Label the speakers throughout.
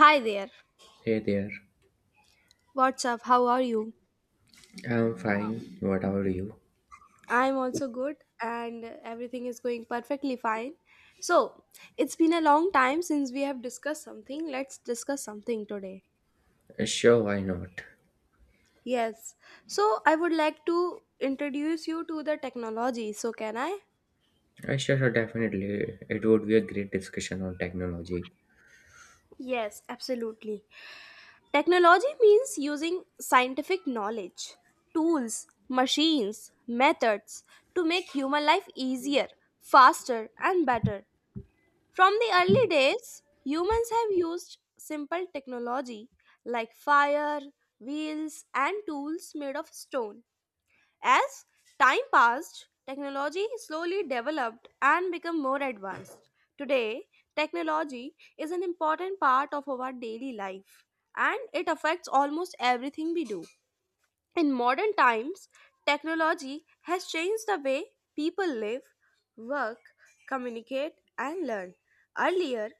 Speaker 1: Hi there.
Speaker 2: Hey there.
Speaker 1: What's up? How are you?
Speaker 2: I'm fine. What about you?
Speaker 1: I'm also good and everything is going perfectly fine. So, it's been a long time since we have discussed something. Let's discuss something today.
Speaker 2: Sure, why not?
Speaker 1: Yes. So, I would like to introduce you to the technology. So, can I?
Speaker 2: Sure, definitely. It would be a great discussion on technology.
Speaker 1: Yes, absolutely. Technology means using scientific knowledge, tools, machines, methods to make human life easier, faster, and better. From the early days, humans have used simple technology like fire, wheels, and tools made of stone. As time passed, technology slowly developed and became more advanced. Today, technology is an important part of our daily life and it affects almost everything we do. In modern times, technology has changed the way people live, work, communicate, and learn. Earlier,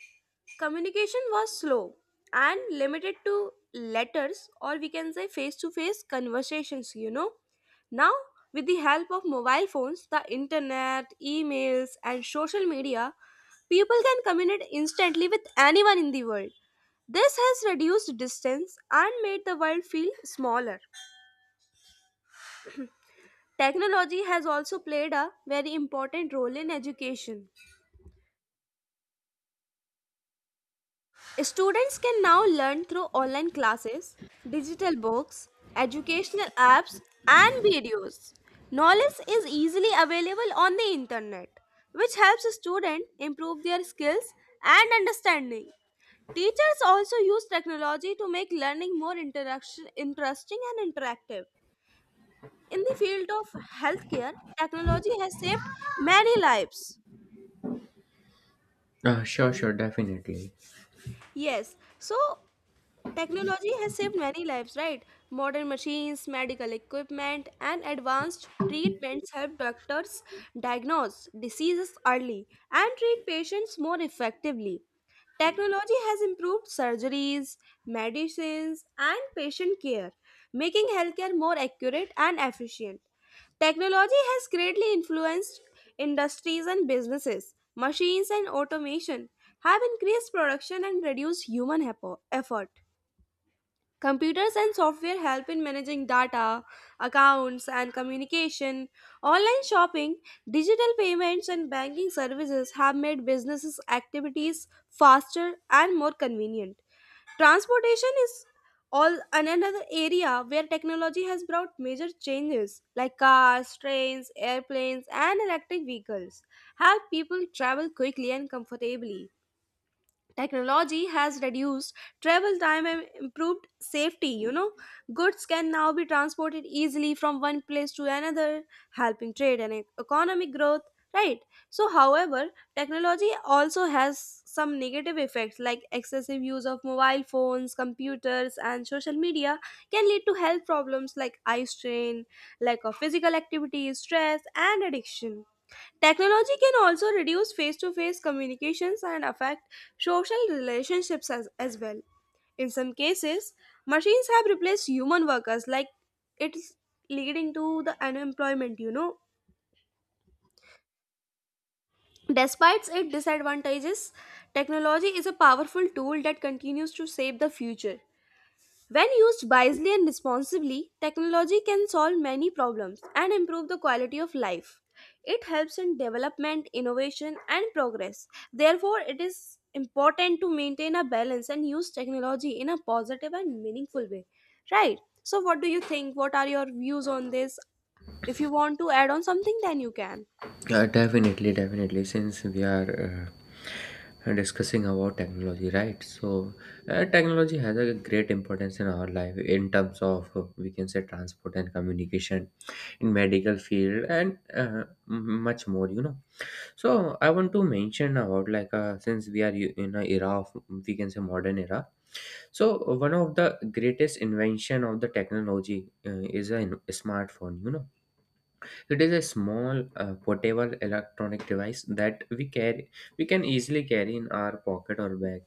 Speaker 1: communication was slow and limited to letters, or we can say face to face conversations, you know. Now, with the help of mobile phones, the internet, emails, and social media, people can communicate instantly with anyone in the world. This has reduced distance and made the world feel smaller. Technology has also played a very important role in education. Students can now learn through online classes, digital books, educational apps, and videos. Knowledge is easily available on the internet, which helps students improve their skills and understanding. Teachers also use technology to make learning more interesting and interactive. In the field of healthcare, technology has saved many lives.
Speaker 2: Sure, definitely.
Speaker 1: Yes. So technology has saved many lives, right? Modern machines, medical equipment, and advanced treatments help doctors diagnose diseases early and treat patients more effectively. Technology has improved surgeries, medicines, and patient care, making healthcare more accurate and efficient. Technology has greatly influenced industries and businesses. Machines and automation have increased production and reduced human effort. Computers and software help in managing data, accounts, and communication. Online shopping, digital payments, and banking services have made businesses' activities faster and more convenient. Transportation is another area where technology has brought major changes, like cars, trains, airplanes, and electric vehicles help people travel quickly and comfortably. Technology has reduced travel time and improved safety. You know, goods can now be transported easily from one place to another, helping trade and economic growth. Right. So, however, technology also has some negative effects, like excessive use of mobile phones, computers, and social media can lead to health problems like eye strain, lack of physical activity, stress, and addiction. Technology can also reduce face to face communications and affect social relationships as well. In some cases, machines have replaced human workers, like it's leading to the unemployment, you know. Despite its disadvantages, technology is a powerful tool that continues to shape the future. When used wisely and responsibly, technology can solve many problems and improve the quality of life. It helps in development, innovation, and progress. Therefore, it is important to maintain a balance and use technology in a positive and meaningful way. Right? So, what do you think? What are your views on this? If you want to add on something, then you can.
Speaker 2: Definitely. Since we are discussing about technology, right? So, technology has a great importance in our life in terms of, we can say, transport and communication in medical field and much more. So I want to mention about, like, since we are in a era of, we can say, modern era. So one of the greatest invention of the technology is a smartphone. You know, it is a small, portable electronic device that we can easily carry in our pocket or bag.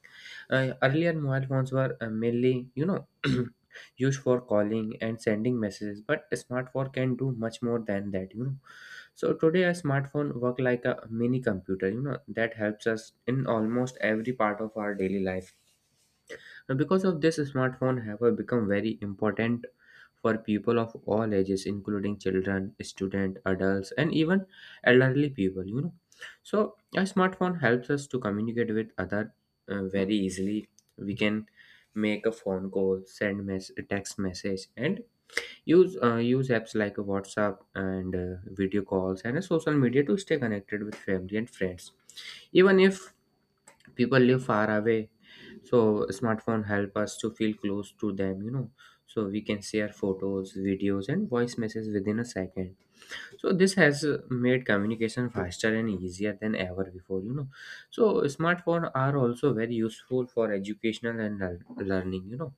Speaker 2: Earlier, mobile phones were mainly, you know, used for calling and sending messages, but a smartphone can do much more than that, you know. So today, a smartphone work like a mini computer, you know, that helps us in almost every part of our daily life, and because of this, smartphone have become very important for people of all ages, including children, student, adults, and even elderly people. You know, so a smartphone helps us to communicate with other very easily. We can make a phone call, send mess text message, and use use apps like WhatsApp and, video calls and, social media to stay connected with family and friends. Even if people live far away, so smartphone help us to feel close to them, you know. So we can share photos, videos and voice messages within a second. So this has made communication faster and easier than ever before, you know. So smartphone are also very useful for educational and learning, you know,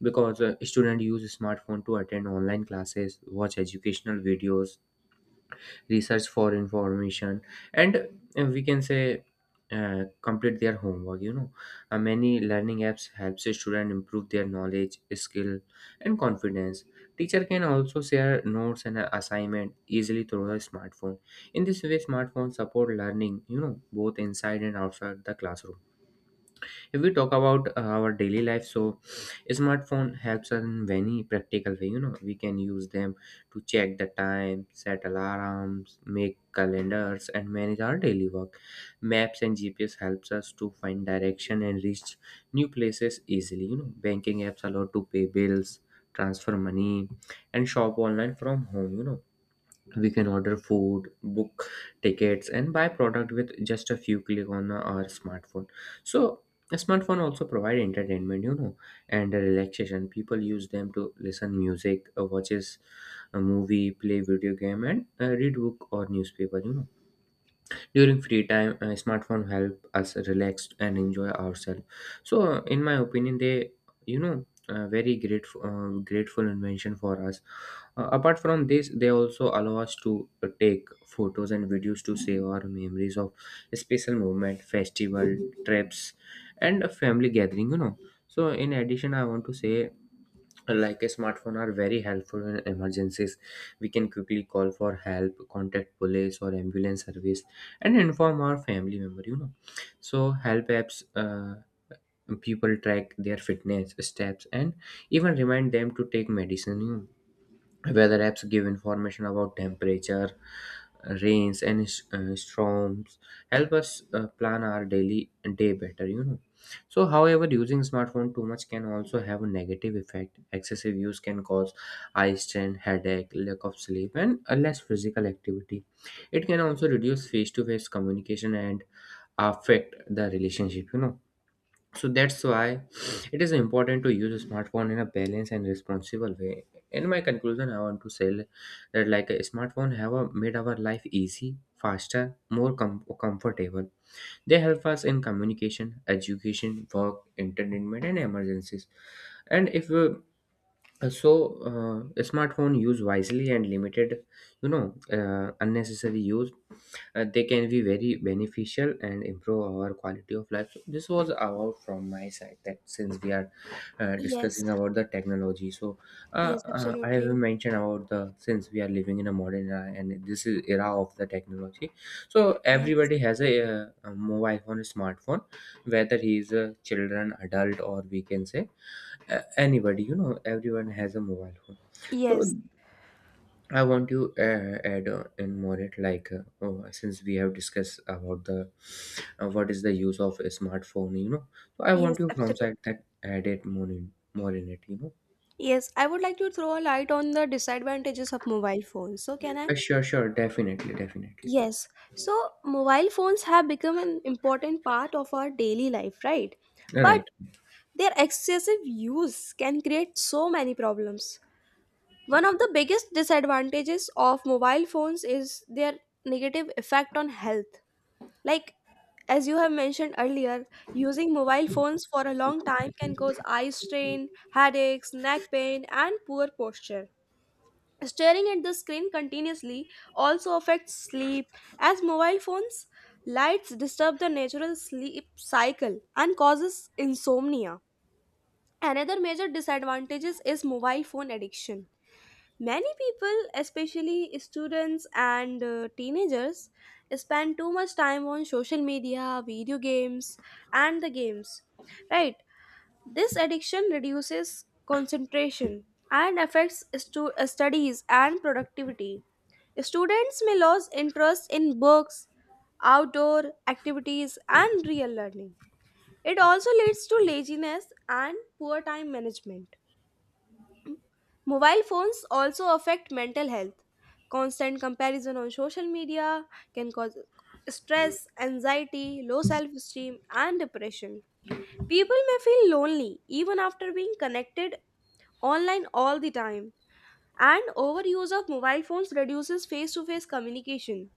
Speaker 2: because, student use smartphone to attend online classes, watch educational videos, research for information, and, we can say, complete their homework, you know. Uh, many learning apps helps a student improve their knowledge, skill, and confidence. Teacher can also share notes and, assignment easily through the smartphone. In this way, smartphones support learning, you know, both inside and outside the classroom. If we talk about, our daily life, so smartphone helps us in many practical way, you know. We can use them to check the time, set alarms, make calendars and manage our daily work. Maps and gps helps us to find direction and reach new places easily, you know. Banking apps allow to pay bills, transfer money, and shop online from home, you know. We can order food, book tickets and buy product with just a few click on our smartphone. So a smartphone also provide entertainment, you know, and relaxation. People use them to listen music, watches a movie, play video game and, read book or newspaper, you know. During free time, smartphone help us relax and enjoy ourselves. So, in my opinion, they, you know very grateful grateful invention for us. Uh, apart from this, they also allow us to take photos and videos to save our memories of special moment, festival, trips, and a family gathering, you know. So in addition, I want to say, like, a smartphone are very helpful in emergencies. We can quickly call for help, contact police or ambulance service, and inform our family member, you know. So help apps, people track their fitness steps and even remind them to take medicine, you know. Weather apps give information about temperature, rains, and storms. Help us plan our daily day better. You know. So, however, using smartphone too much can also have a negative effect. Excessive use can cause eye strain, headache, lack of sleep, and a less physical activity. It can also reduce face-to-face communication and affect the relationship. You know, so that's why it is important to use a smartphone in a balanced and responsible way. In my conclusion, I want to say that, like, a smartphone have made our life easy, faster, more comfortable. They help us in communication, education, work, entertainment and emergencies. And if, so a smartphone use wisely and limited, you know, unnecessary use, they can be very beneficial and improve our quality of life. So this was all from my side. That since we are,
Speaker 1: Yes.
Speaker 2: discussing about the technology, so,
Speaker 1: Yes,
Speaker 2: I have
Speaker 1: absolutely.
Speaker 2: mentioned about the, since we are living in a modern era and this is era of the technology. So
Speaker 1: Yes.
Speaker 2: everybody has a mobile phone, a smartphone, whether he is a children, adult, or we can say, anybody. You know, everyone has a mobile phone. So
Speaker 1: Yes.
Speaker 2: I want to add, in more it, like, oh, since we have discussed about the, what is the use of a smartphone, you know. So I
Speaker 1: Yes,
Speaker 2: want you from
Speaker 1: absolutely.
Speaker 2: side that add it more, in more in it, you know.
Speaker 1: Yes, I would like to throw a light on the disadvantages of mobile phones. So, can I?
Speaker 2: Sure, definitely, definitely.
Speaker 1: Yes. So, mobile phones have become an important part of our daily life, right? But
Speaker 2: Right,
Speaker 1: their excessive use can create so many problems. One of the biggest disadvantages of mobile phones is their negative effect on health. Like, as you have mentioned earlier, using mobile phones for a long time can cause eye strain, headaches, neck pain, and poor posture. Staring at the screen continuously also affects sleep, as mobile phones' lights disturb the natural sleep cycle and causes insomnia. Another major disadvantages is mobile phone addiction. Many people, especially students and teenagers, spend too much time on social media, video games, and the games. Right? This addiction reduces concentration and affects studies and productivity. Students may lose interest in books, outdoor activities, and real learning. It also leads to laziness and poor time management. Mobile phones also affect mental health. Constant comparison on social media can cause stress, anxiety, low self esteem, and depression. People may feel lonely even after being connected online all the time. And overuse of mobile phones reduces face to face communication,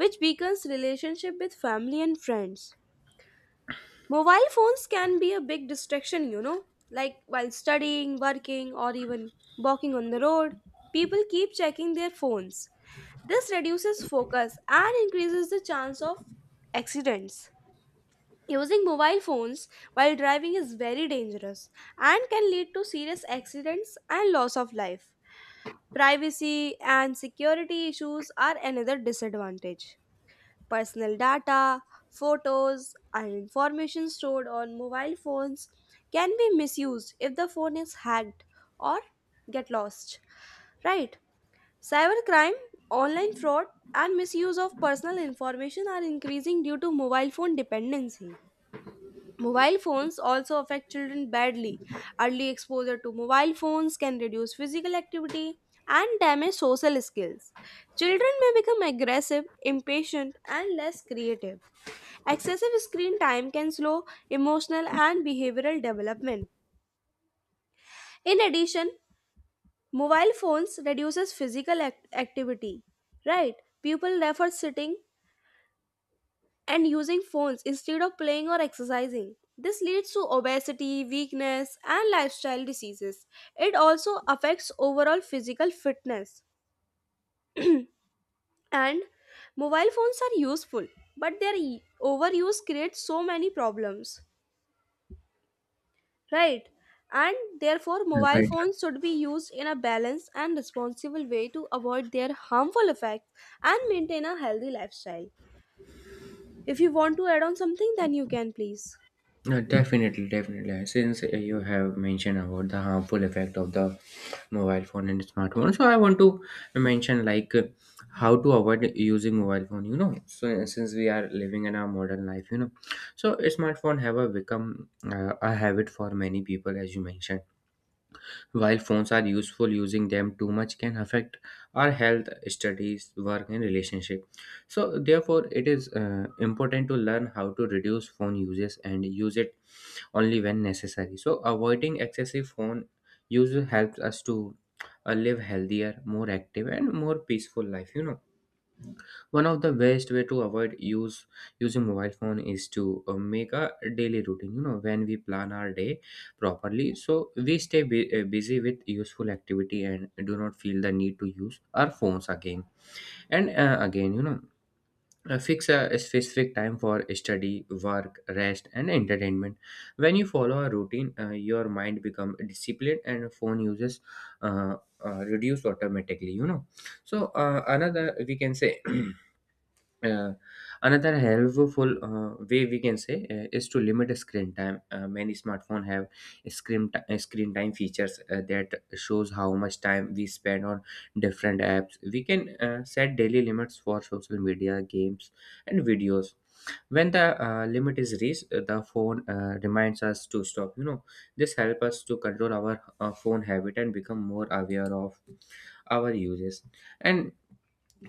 Speaker 1: which weakens relationship with family and friends. Mobile phones can be a big distraction, you know, like while studying, working, or even walking on the road. People keep checking their phones. This reduces focus and increases the chance of accidents. Using mobile phones while driving is very dangerous and can lead to serious accidents and loss of life. Privacy and security issues are another disadvantage. Personal data, photos, and information stored on mobile phones can be misused if the phone is hacked or get lost. Right? Cybercrime, online fraud, and misuse of personal information are increasing due to mobile phone dependency. Mobile phones also affect children badly. Early exposure to mobile phones can reduce physical activity and damage social skills. Children may become aggressive, impatient, and less creative. Excessive screen time can slow emotional and behavioral development. In addition, mobile phones reduces activity. Right? People prefer sitting and using phones instead of playing or exercising. This leads to obesity, weakness, and lifestyle diseases. It also affects overall physical fitness. And mobile phones are useful, but their overuse creates so many problems. Right. And therefore, mobile
Speaker 2: right,
Speaker 1: phones should be used in a balanced and responsible way to avoid their harmful effects and maintain a healthy lifestyle. If you want to add on something, then you can please.
Speaker 2: right. Definitely. Since, you have mentioned about the harmful effect of the mobile phone and smartphone, so I want to mention, like, how to avoid using mobile phone, you know. So since we are living in our modern life, you know, so smartphone have a become a habit for many people. As you mentioned, while phones are useful, using them too much can affect our health, studies, work and relationship. So therefore it is important to learn how to reduce phone uses and use it only when necessary. So, avoiding excessive phone use helps us to live healthier, more active, and more peaceful life. You know, one of the best way to avoid use using mobile phone is to make a daily routine. You know, when we plan our day properly, so we stay busy with useful activity and do not feel the need to use our phones again and, again. You know, fix a specific time for study, work, rest and entertainment. When you follow a routine, your mind becomes disciplined and phone uses, uh, reduce automatically, you know. So, another, we can say, Uh, another helpful, way, we can say, is to limit screen time. Many smartphones have screen time features that shows how much time we spend on different apps. We can set daily limits for social media, games, and videos. When the, limit is reached, the phone reminds us to stop. You know, this helps us to control our phone habit and become more aware of our uses. And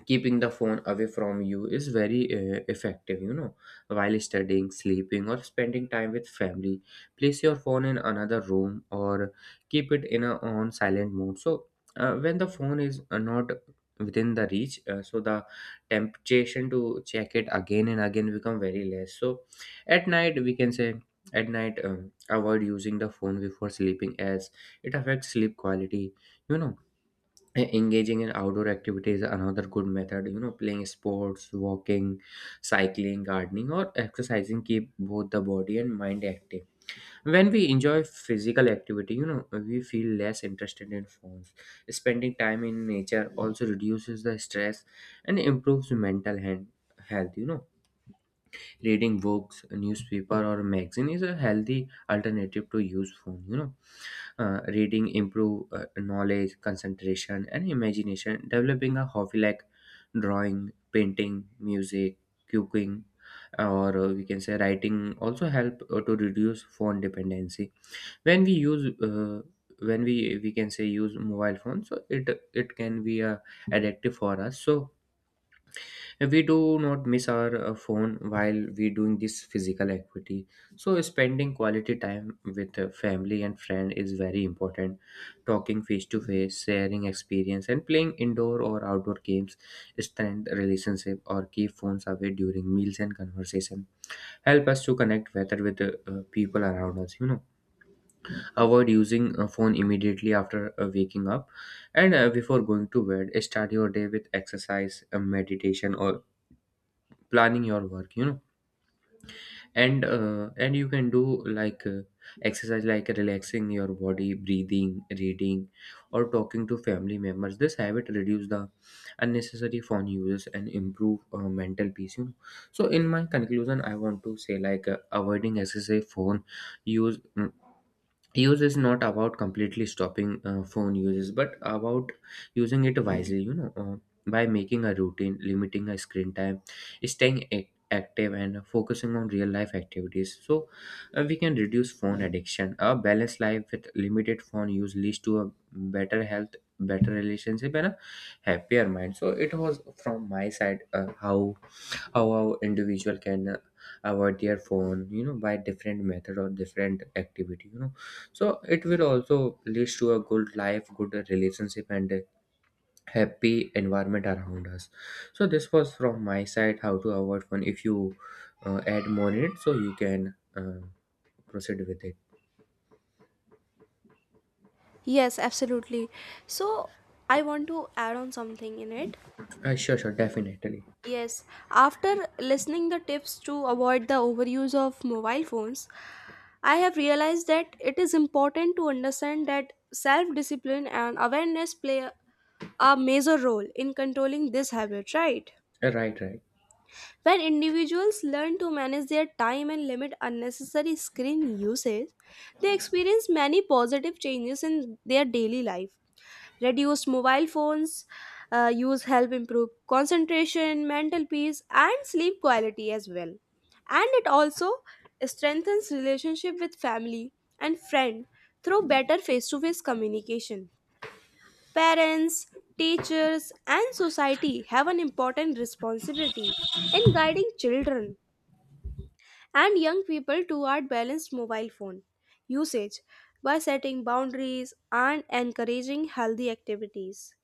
Speaker 2: keeping the phone away from you is very effective, you know. While studying, sleeping or spending time with family, place your phone in another room or keep it in a on silent mode. So, when the phone is, not within the reach, so the temptation to check it again and again become very less. So at night, we can say, at night, avoid using the phone before sleeping as it affects sleep quality, you know. Engaging in outdoor activities is another good method, you know. Playing sports, walking, cycling, gardening or exercising keep both the body and mind active. When we enjoy physical activity, you know, we feel less interested in phones. Spending time in nature also reduces the stress and improves mental health, you know. Reading books, newspaper or magazine is a healthy alternative to use phone, you know. Uh, reading improve, knowledge, concentration and imagination. Developing a hobby like drawing, painting, music, cooking, or, we can say, writing also help to reduce phone dependency. When we use, when we can say use mobile phone, so it can be a addictive for us. So we do not miss our phone while we doing this physical activity. So spending quality time with family and friend is very important. Talking face to face, sharing experience and playing indoor or outdoor games strengthen relationship, or keep phones away during meals and conversation. Help us to connect better with the people around us, you know. Avoid using a phone immediately after waking up and before going to bed. Start your day with exercise, meditation or planning your work, you know. And, and you can do like exercise, like relaxing your body, breathing, reading, or talking to family members. This habit reduce the unnecessary phone uses and improve, mental peace, you know. So in my conclusion, I want to say, like, avoiding excessive phone use mm, use is not about completely stopping phone uses, but about using it wisely, you know. Uh, by making a routine, limiting a screen time, staying active and focusing on real life activities. So, we can reduce phone addiction. A balanced life with limited phone use leads to a better health, better relationship, and a happier mind. So it was from my side. How our individual can avoid their phone, by different method or different activity. So it will also lead to a good life, good relationship, and a happy environment around us. So this was from my side, how to avoid phone. If you add more in it, so you can proceed with it.
Speaker 1: Yes, absolutely. So, I want to add on something in it.
Speaker 2: Sure, sure, definitely.
Speaker 1: Yes, after listening the tips to avoid the overuse of mobile phones, I have realized that it is important to understand that self discipline and awareness play a major role in controlling this habit, right?
Speaker 2: Right, right.
Speaker 1: When individuals learn to manage their time and limit unnecessary screen usage, they experience many positive changes in their daily life. Reduced mobile phones use help improve concentration, mental peace, and sleep quality as well. And it also strengthens relationship with family and friend through better face-to-face communication. Parents, teachers, and society have an important responsibility in guiding children and young people toward balanced mobile phone usage by setting boundaries and encouraging healthy activities.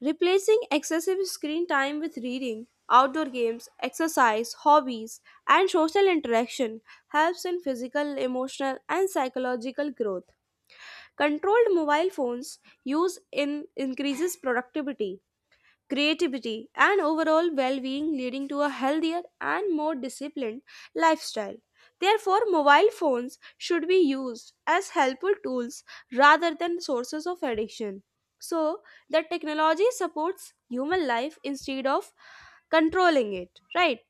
Speaker 1: Replacing excessive screen time with reading, outdoor games, exercise, hobbies, and social interaction helps in physical, emotional, and psychological growth. Controlled mobile phones use in increases productivity, creativity, and overall well being, leading to a healthier and more disciplined lifestyle. Therefore, mobile phones should be used as helpful tools rather than sources of addiction. So, that technology supports human life instead of controlling it, right?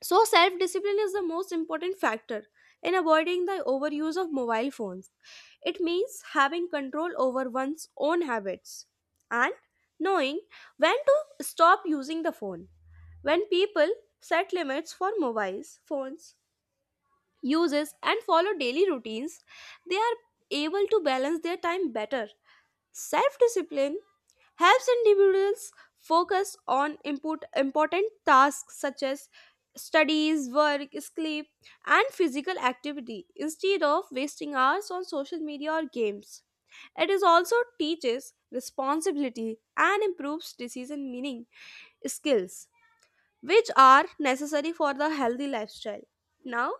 Speaker 1: So, self discipline is the most important factor in avoiding the overuse of mobile phones. It means having control over one's own habits and knowing when to stop using the phone. When people set limits for mobiles, phones, uses, and follow daily routines, they are able to balance their time better. Self discipline helps individuals focus on important tasks such as studies, work, sleep, and physical activity instead of wasting hours on social media or games. It is also teaches responsibility and improves decision meaning skills which are necessary for the healthy lifestyle. Now,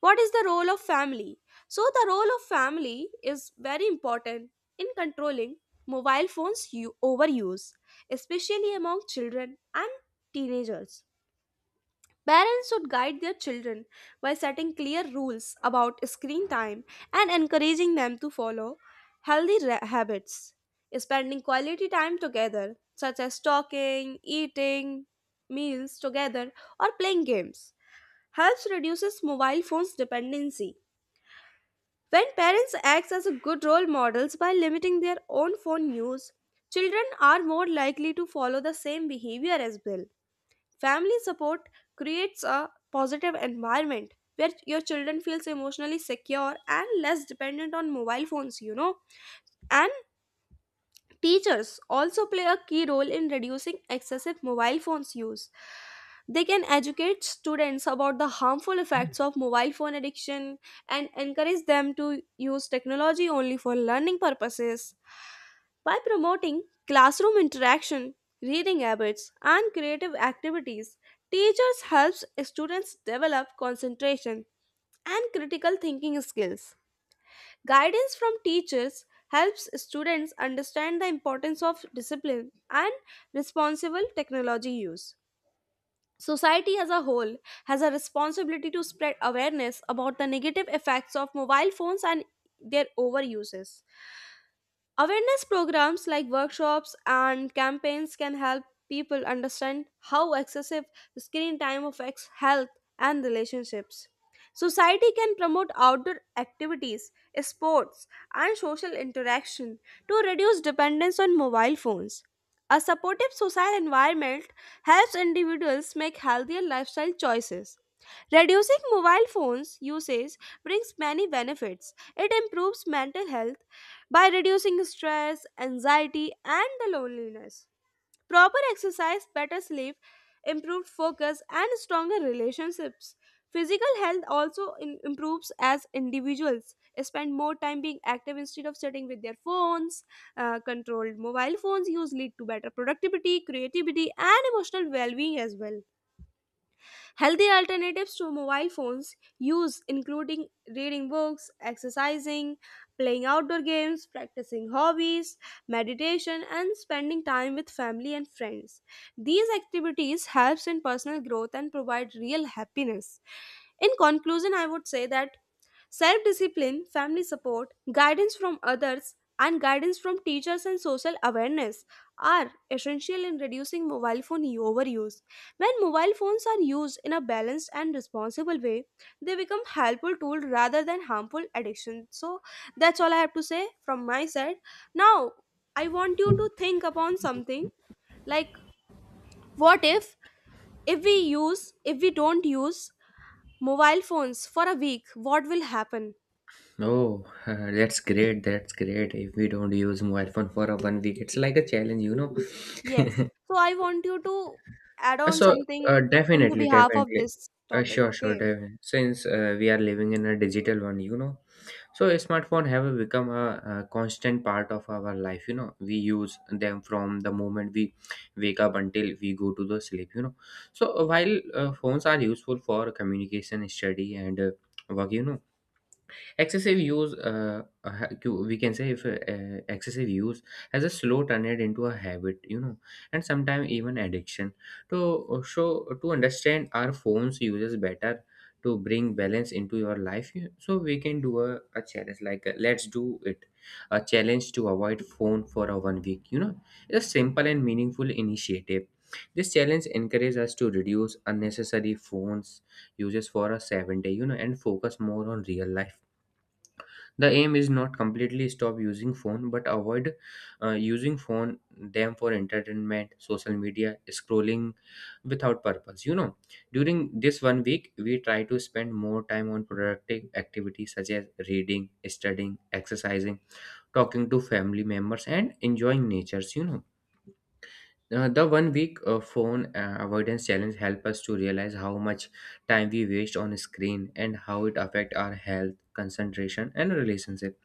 Speaker 1: what is the role of family? So the role of family is very important in controlling mobile phones overuse, especially among children and teenagers. Parents should guide their children by setting clear rules about screen time and encouraging them to follow habits. Spending quality time together, such as talking, eating meals together, or playing games, helps reduces mobile phones dependency. When parents act as good role models by limiting their own phone use, children are more likely to follow the same behavior as well. Family support creates a positive environment where your children feels emotionally secure and less dependent on mobile phones, you know. And teachers also play a key role in reducing excessive mobile phones use. They can educate students about the harmful effects of mobile phone addiction and encourage them to use technology only for learning purposes. By promoting classroom interaction, reading habits, and creative activities, teachers helps students develop concentration and critical thinking skills. Guidance from teachers helps students understand the importance of discipline and responsible technology use. Society as a whole has a responsibility to spread awareness about the negative effects of mobile phones and their overuses. Awareness programs like workshops and campaigns can help people understand how excessive screen time affects health and relationships. Society can promote outdoor activities, sports, and social interaction to reduce dependence on mobile phones. A supportive social environment helps individuals make healthier lifestyle choices. Reducing mobile phones usage brings many benefits. It improves mental health by reducing stress, anxiety, and the loneliness. Proper exercise, better sleep, improved focus, and stronger relationships. Physical health also improves as individuals spend more time being active instead of sitting with their phones. Controlled mobile phones use lead to better productivity, creativity, and emotional well being as well. Healthy alternatives to mobile phones use including reading books, exercising, playing outdoor games, practicing hobbies, meditation and spending time with family and friends. These activities helps in personal growth and provide real happiness. In conclusion, I would say that self discipline, family support, guidance from others, and guidance from teachers and social awareness are essential in reducing mobile phone overuse. When mobile phones are used in a balanced and responsible way, they become helpful tool rather than harmful addiction. So that's all I have to say from my side. Now, I want you to think upon something, like what if we use if we don't use mobile phones for a week, what will happen?
Speaker 2: Oh, that's great. That's great. If we don't use mobile phone for a 1 week, it's like a challenge, you know.
Speaker 1: Yes. So I want you to add on
Speaker 2: So,
Speaker 1: something in the
Speaker 2: definitely,
Speaker 1: behalf of
Speaker 2: definitely.
Speaker 1: this topic,
Speaker 2: Sure, sure,
Speaker 1: okay?
Speaker 2: definitely. Since we are living in a digital one, you know, so a smartphone have become a constant part of our life. We use them from the moment we wake up until we go to the sleep. So while phones are useful for communication, study, and work. Excessive use, we can say if excessive use has a slow turned into a habit, and sometimes even addiction. To understand our phones uses better, to bring balance into your life, so we can do a challenge like let's do it, a challenge to avoid phone for a 1 week. It's a simple and meaningful initiative. This challenge encourages us to reduce unnecessary phones uses for a seven day, and focus more on real life. The aim is not completely stop using phone but avoid using phone them for entertainment, social media scrolling without purpose. During this 1 week, we try to spend more time on productive activities such as reading, studying, exercising, talking to family members, and enjoying natures. The 1 week phone avoidance challenge help us to realize how much time we waste on screen and how it affect our health, concentration, and relationship.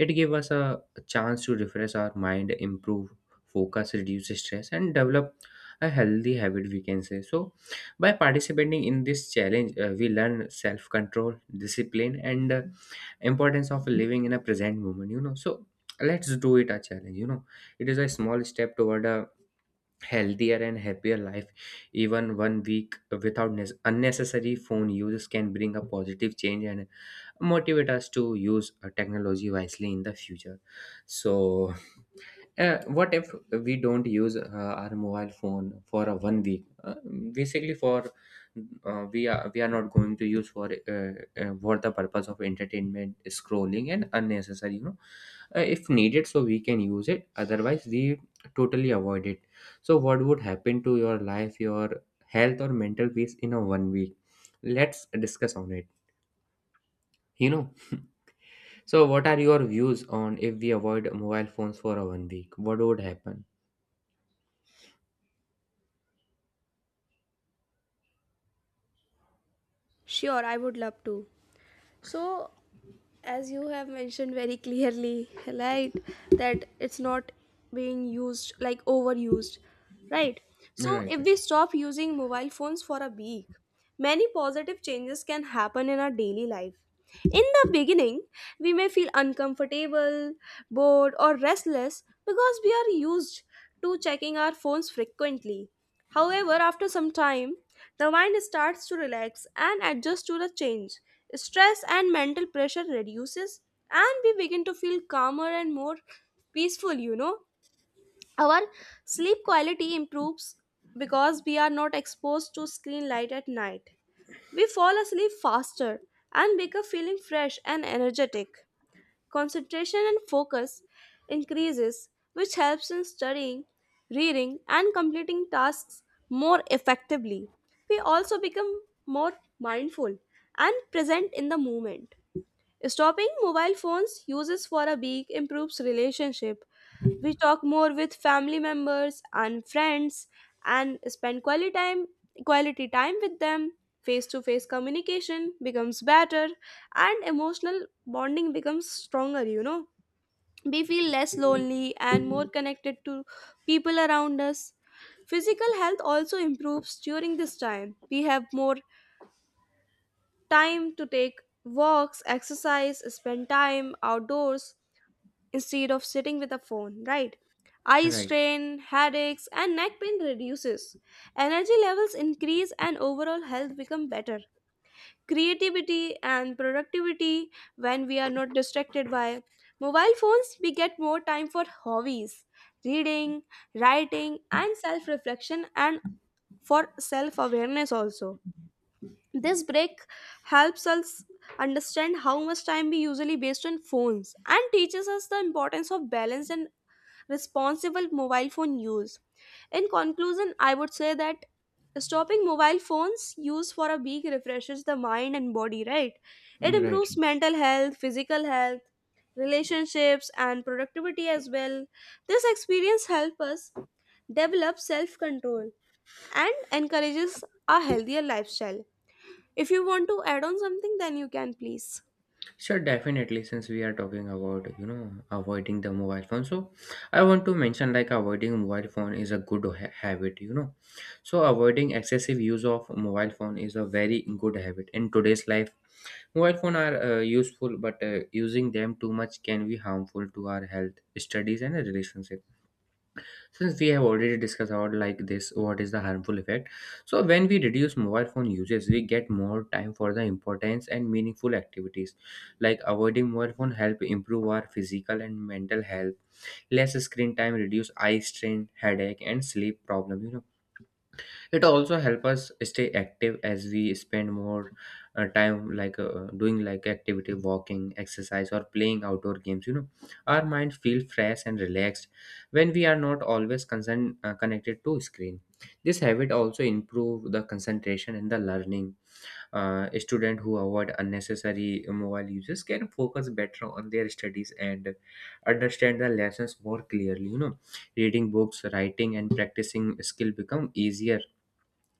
Speaker 2: It gave us a chance to refresh our mind, improve focus, reduce stress, and develop a healthy habit, we can say. So, by participating in this challenge, we learn self control, discipline, and importance of living in a present moment. So, let's do it a challenge. It is a small step toward a healthier and happier life. Even 1 week without unnecessary phone use can bring a positive change and motivate us to use technology wisely in the future. So what if we don't use our mobile phone for a 1 week, basically for we are not going to use for the purpose of entertainment scrolling and unnecessary. If needed, so we can use it, otherwise we totally avoid it. So what would happen to your life, your health, or mental peace in a 1 week? Let's discuss on it you know so, what are your views on if we avoid mobile phones for a 1 week? What would happen?
Speaker 1: Sure, I would love to. So, as you have mentioned very clearly, right, that it's not being used like overused, right? So
Speaker 2: Right,
Speaker 1: if
Speaker 2: right,
Speaker 1: we stop using mobile phones for a week, many positive changes can happen in our daily life. In the beginning, we may feel uncomfortable, bored, or restless because we are used to checking our phones frequently. However, after some time, the mind starts to relax and adjust to the change. Stress and mental pressure reduces and we begin to feel calmer and more peaceful, you know. Our sleep quality improves because we are not exposed to screen light at night. We fall asleep faster and wake up feeling fresh and energetic. Concentration and focus increases, which helps in studying, reading, and completing tasks more effectively. We also become more mindful and present in the moment. Stopping mobile phones uses for a week improves relationship. We talk more with family members and friends and spend quality time with them. Face to face communication becomes better and emotional bonding becomes stronger, you know. We feel less lonely and more connected to people around us. Physical health also improves during this time. We have more time to take walks, exercise, spend time outdoors instead of sitting with a phone, right? Eye
Speaker 2: right.
Speaker 1: strain, headaches, and neck pain reduces. Energy levels increase and overall health become better. Creativity and productivity, when we are not distracted by mobile phones, we get more time for hobbies, reading, writing, and self reflection, and for self awareness also. This break helps us understand how much time we usually waste on phones and teaches us the importance of balanced and responsible mobile phone use. In conclusion, I would say that stopping mobile phones use for a week refreshes the mind and body, right? It
Speaker 2: Right.
Speaker 1: improves mental health, physical health, relationships, and productivity as well. This experience helps us develop self control and encourages a healthier lifestyle. If you want to add on something, then you can please.
Speaker 2: Sure, definitely. Since we are talking about avoiding the mobile phone, so I want to mention like avoiding mobile phone is a good habit. So avoiding excessive use of mobile phone is a very good habit in today's life. Mobile phone are useful, but using them too much can be harmful to our health, studies, and relationship. Since we have already discussed about like this what is the harmful effect, so when we reduce mobile phone usage, we get more time for the importance and meaningful activities. Like avoiding mobile phone help improve our physical and mental health. Less screen time reduce eye strain, headache, and sleep problem. It also help us stay active as we spend more time like doing like activity, walking, exercise, or playing outdoor games. Our mind feel fresh and relaxed when we are not always concerned connected to screen. This habit also improve the concentration and the learning. Student who avoid unnecessary mobile uses can focus better on their studies and understand the lessons more clearly. Reading books, writing, and practicing skill become easier,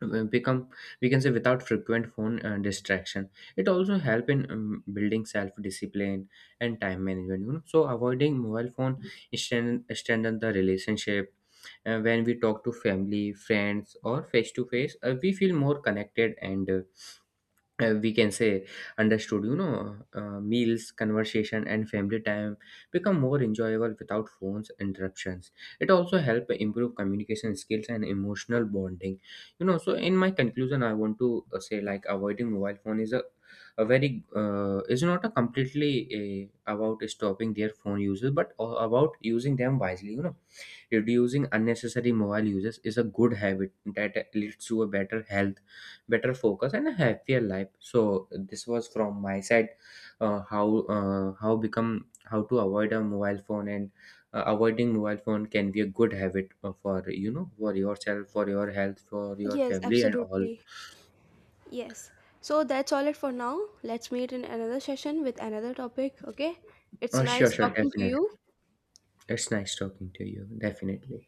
Speaker 2: become we can say, without frequent phone distraction. It also help in building self discipline and time management. So avoiding mobile phone strengthen the relationship. When we talk to family friends or face to face, we feel more connected and, we can say, understood. Meals, conversation, and family time become more enjoyable without phones interruptions. It also help improve communication skills and emotional bonding. So in my conclusion, I want to say like avoiding mobile phone is a very is not a completely about stopping their phone uses but about using them wisely. Reducing unnecessary mobile uses is a good habit that leads to a better health, better focus, and a happier life. So this was from my side, how become how to avoid a mobile phone, and avoiding mobile phone can be a good habit for for yourself, for your health, for your
Speaker 1: Yes,
Speaker 2: family, and all.
Speaker 1: absolutely. Yes. So that's all it for now. Let's meet in another session with another topic, okay? It's
Speaker 2: Sure,
Speaker 1: nice
Speaker 2: sure,
Speaker 1: talking to
Speaker 2: definitely.
Speaker 1: you.
Speaker 2: It's nice talking to you. Definitely.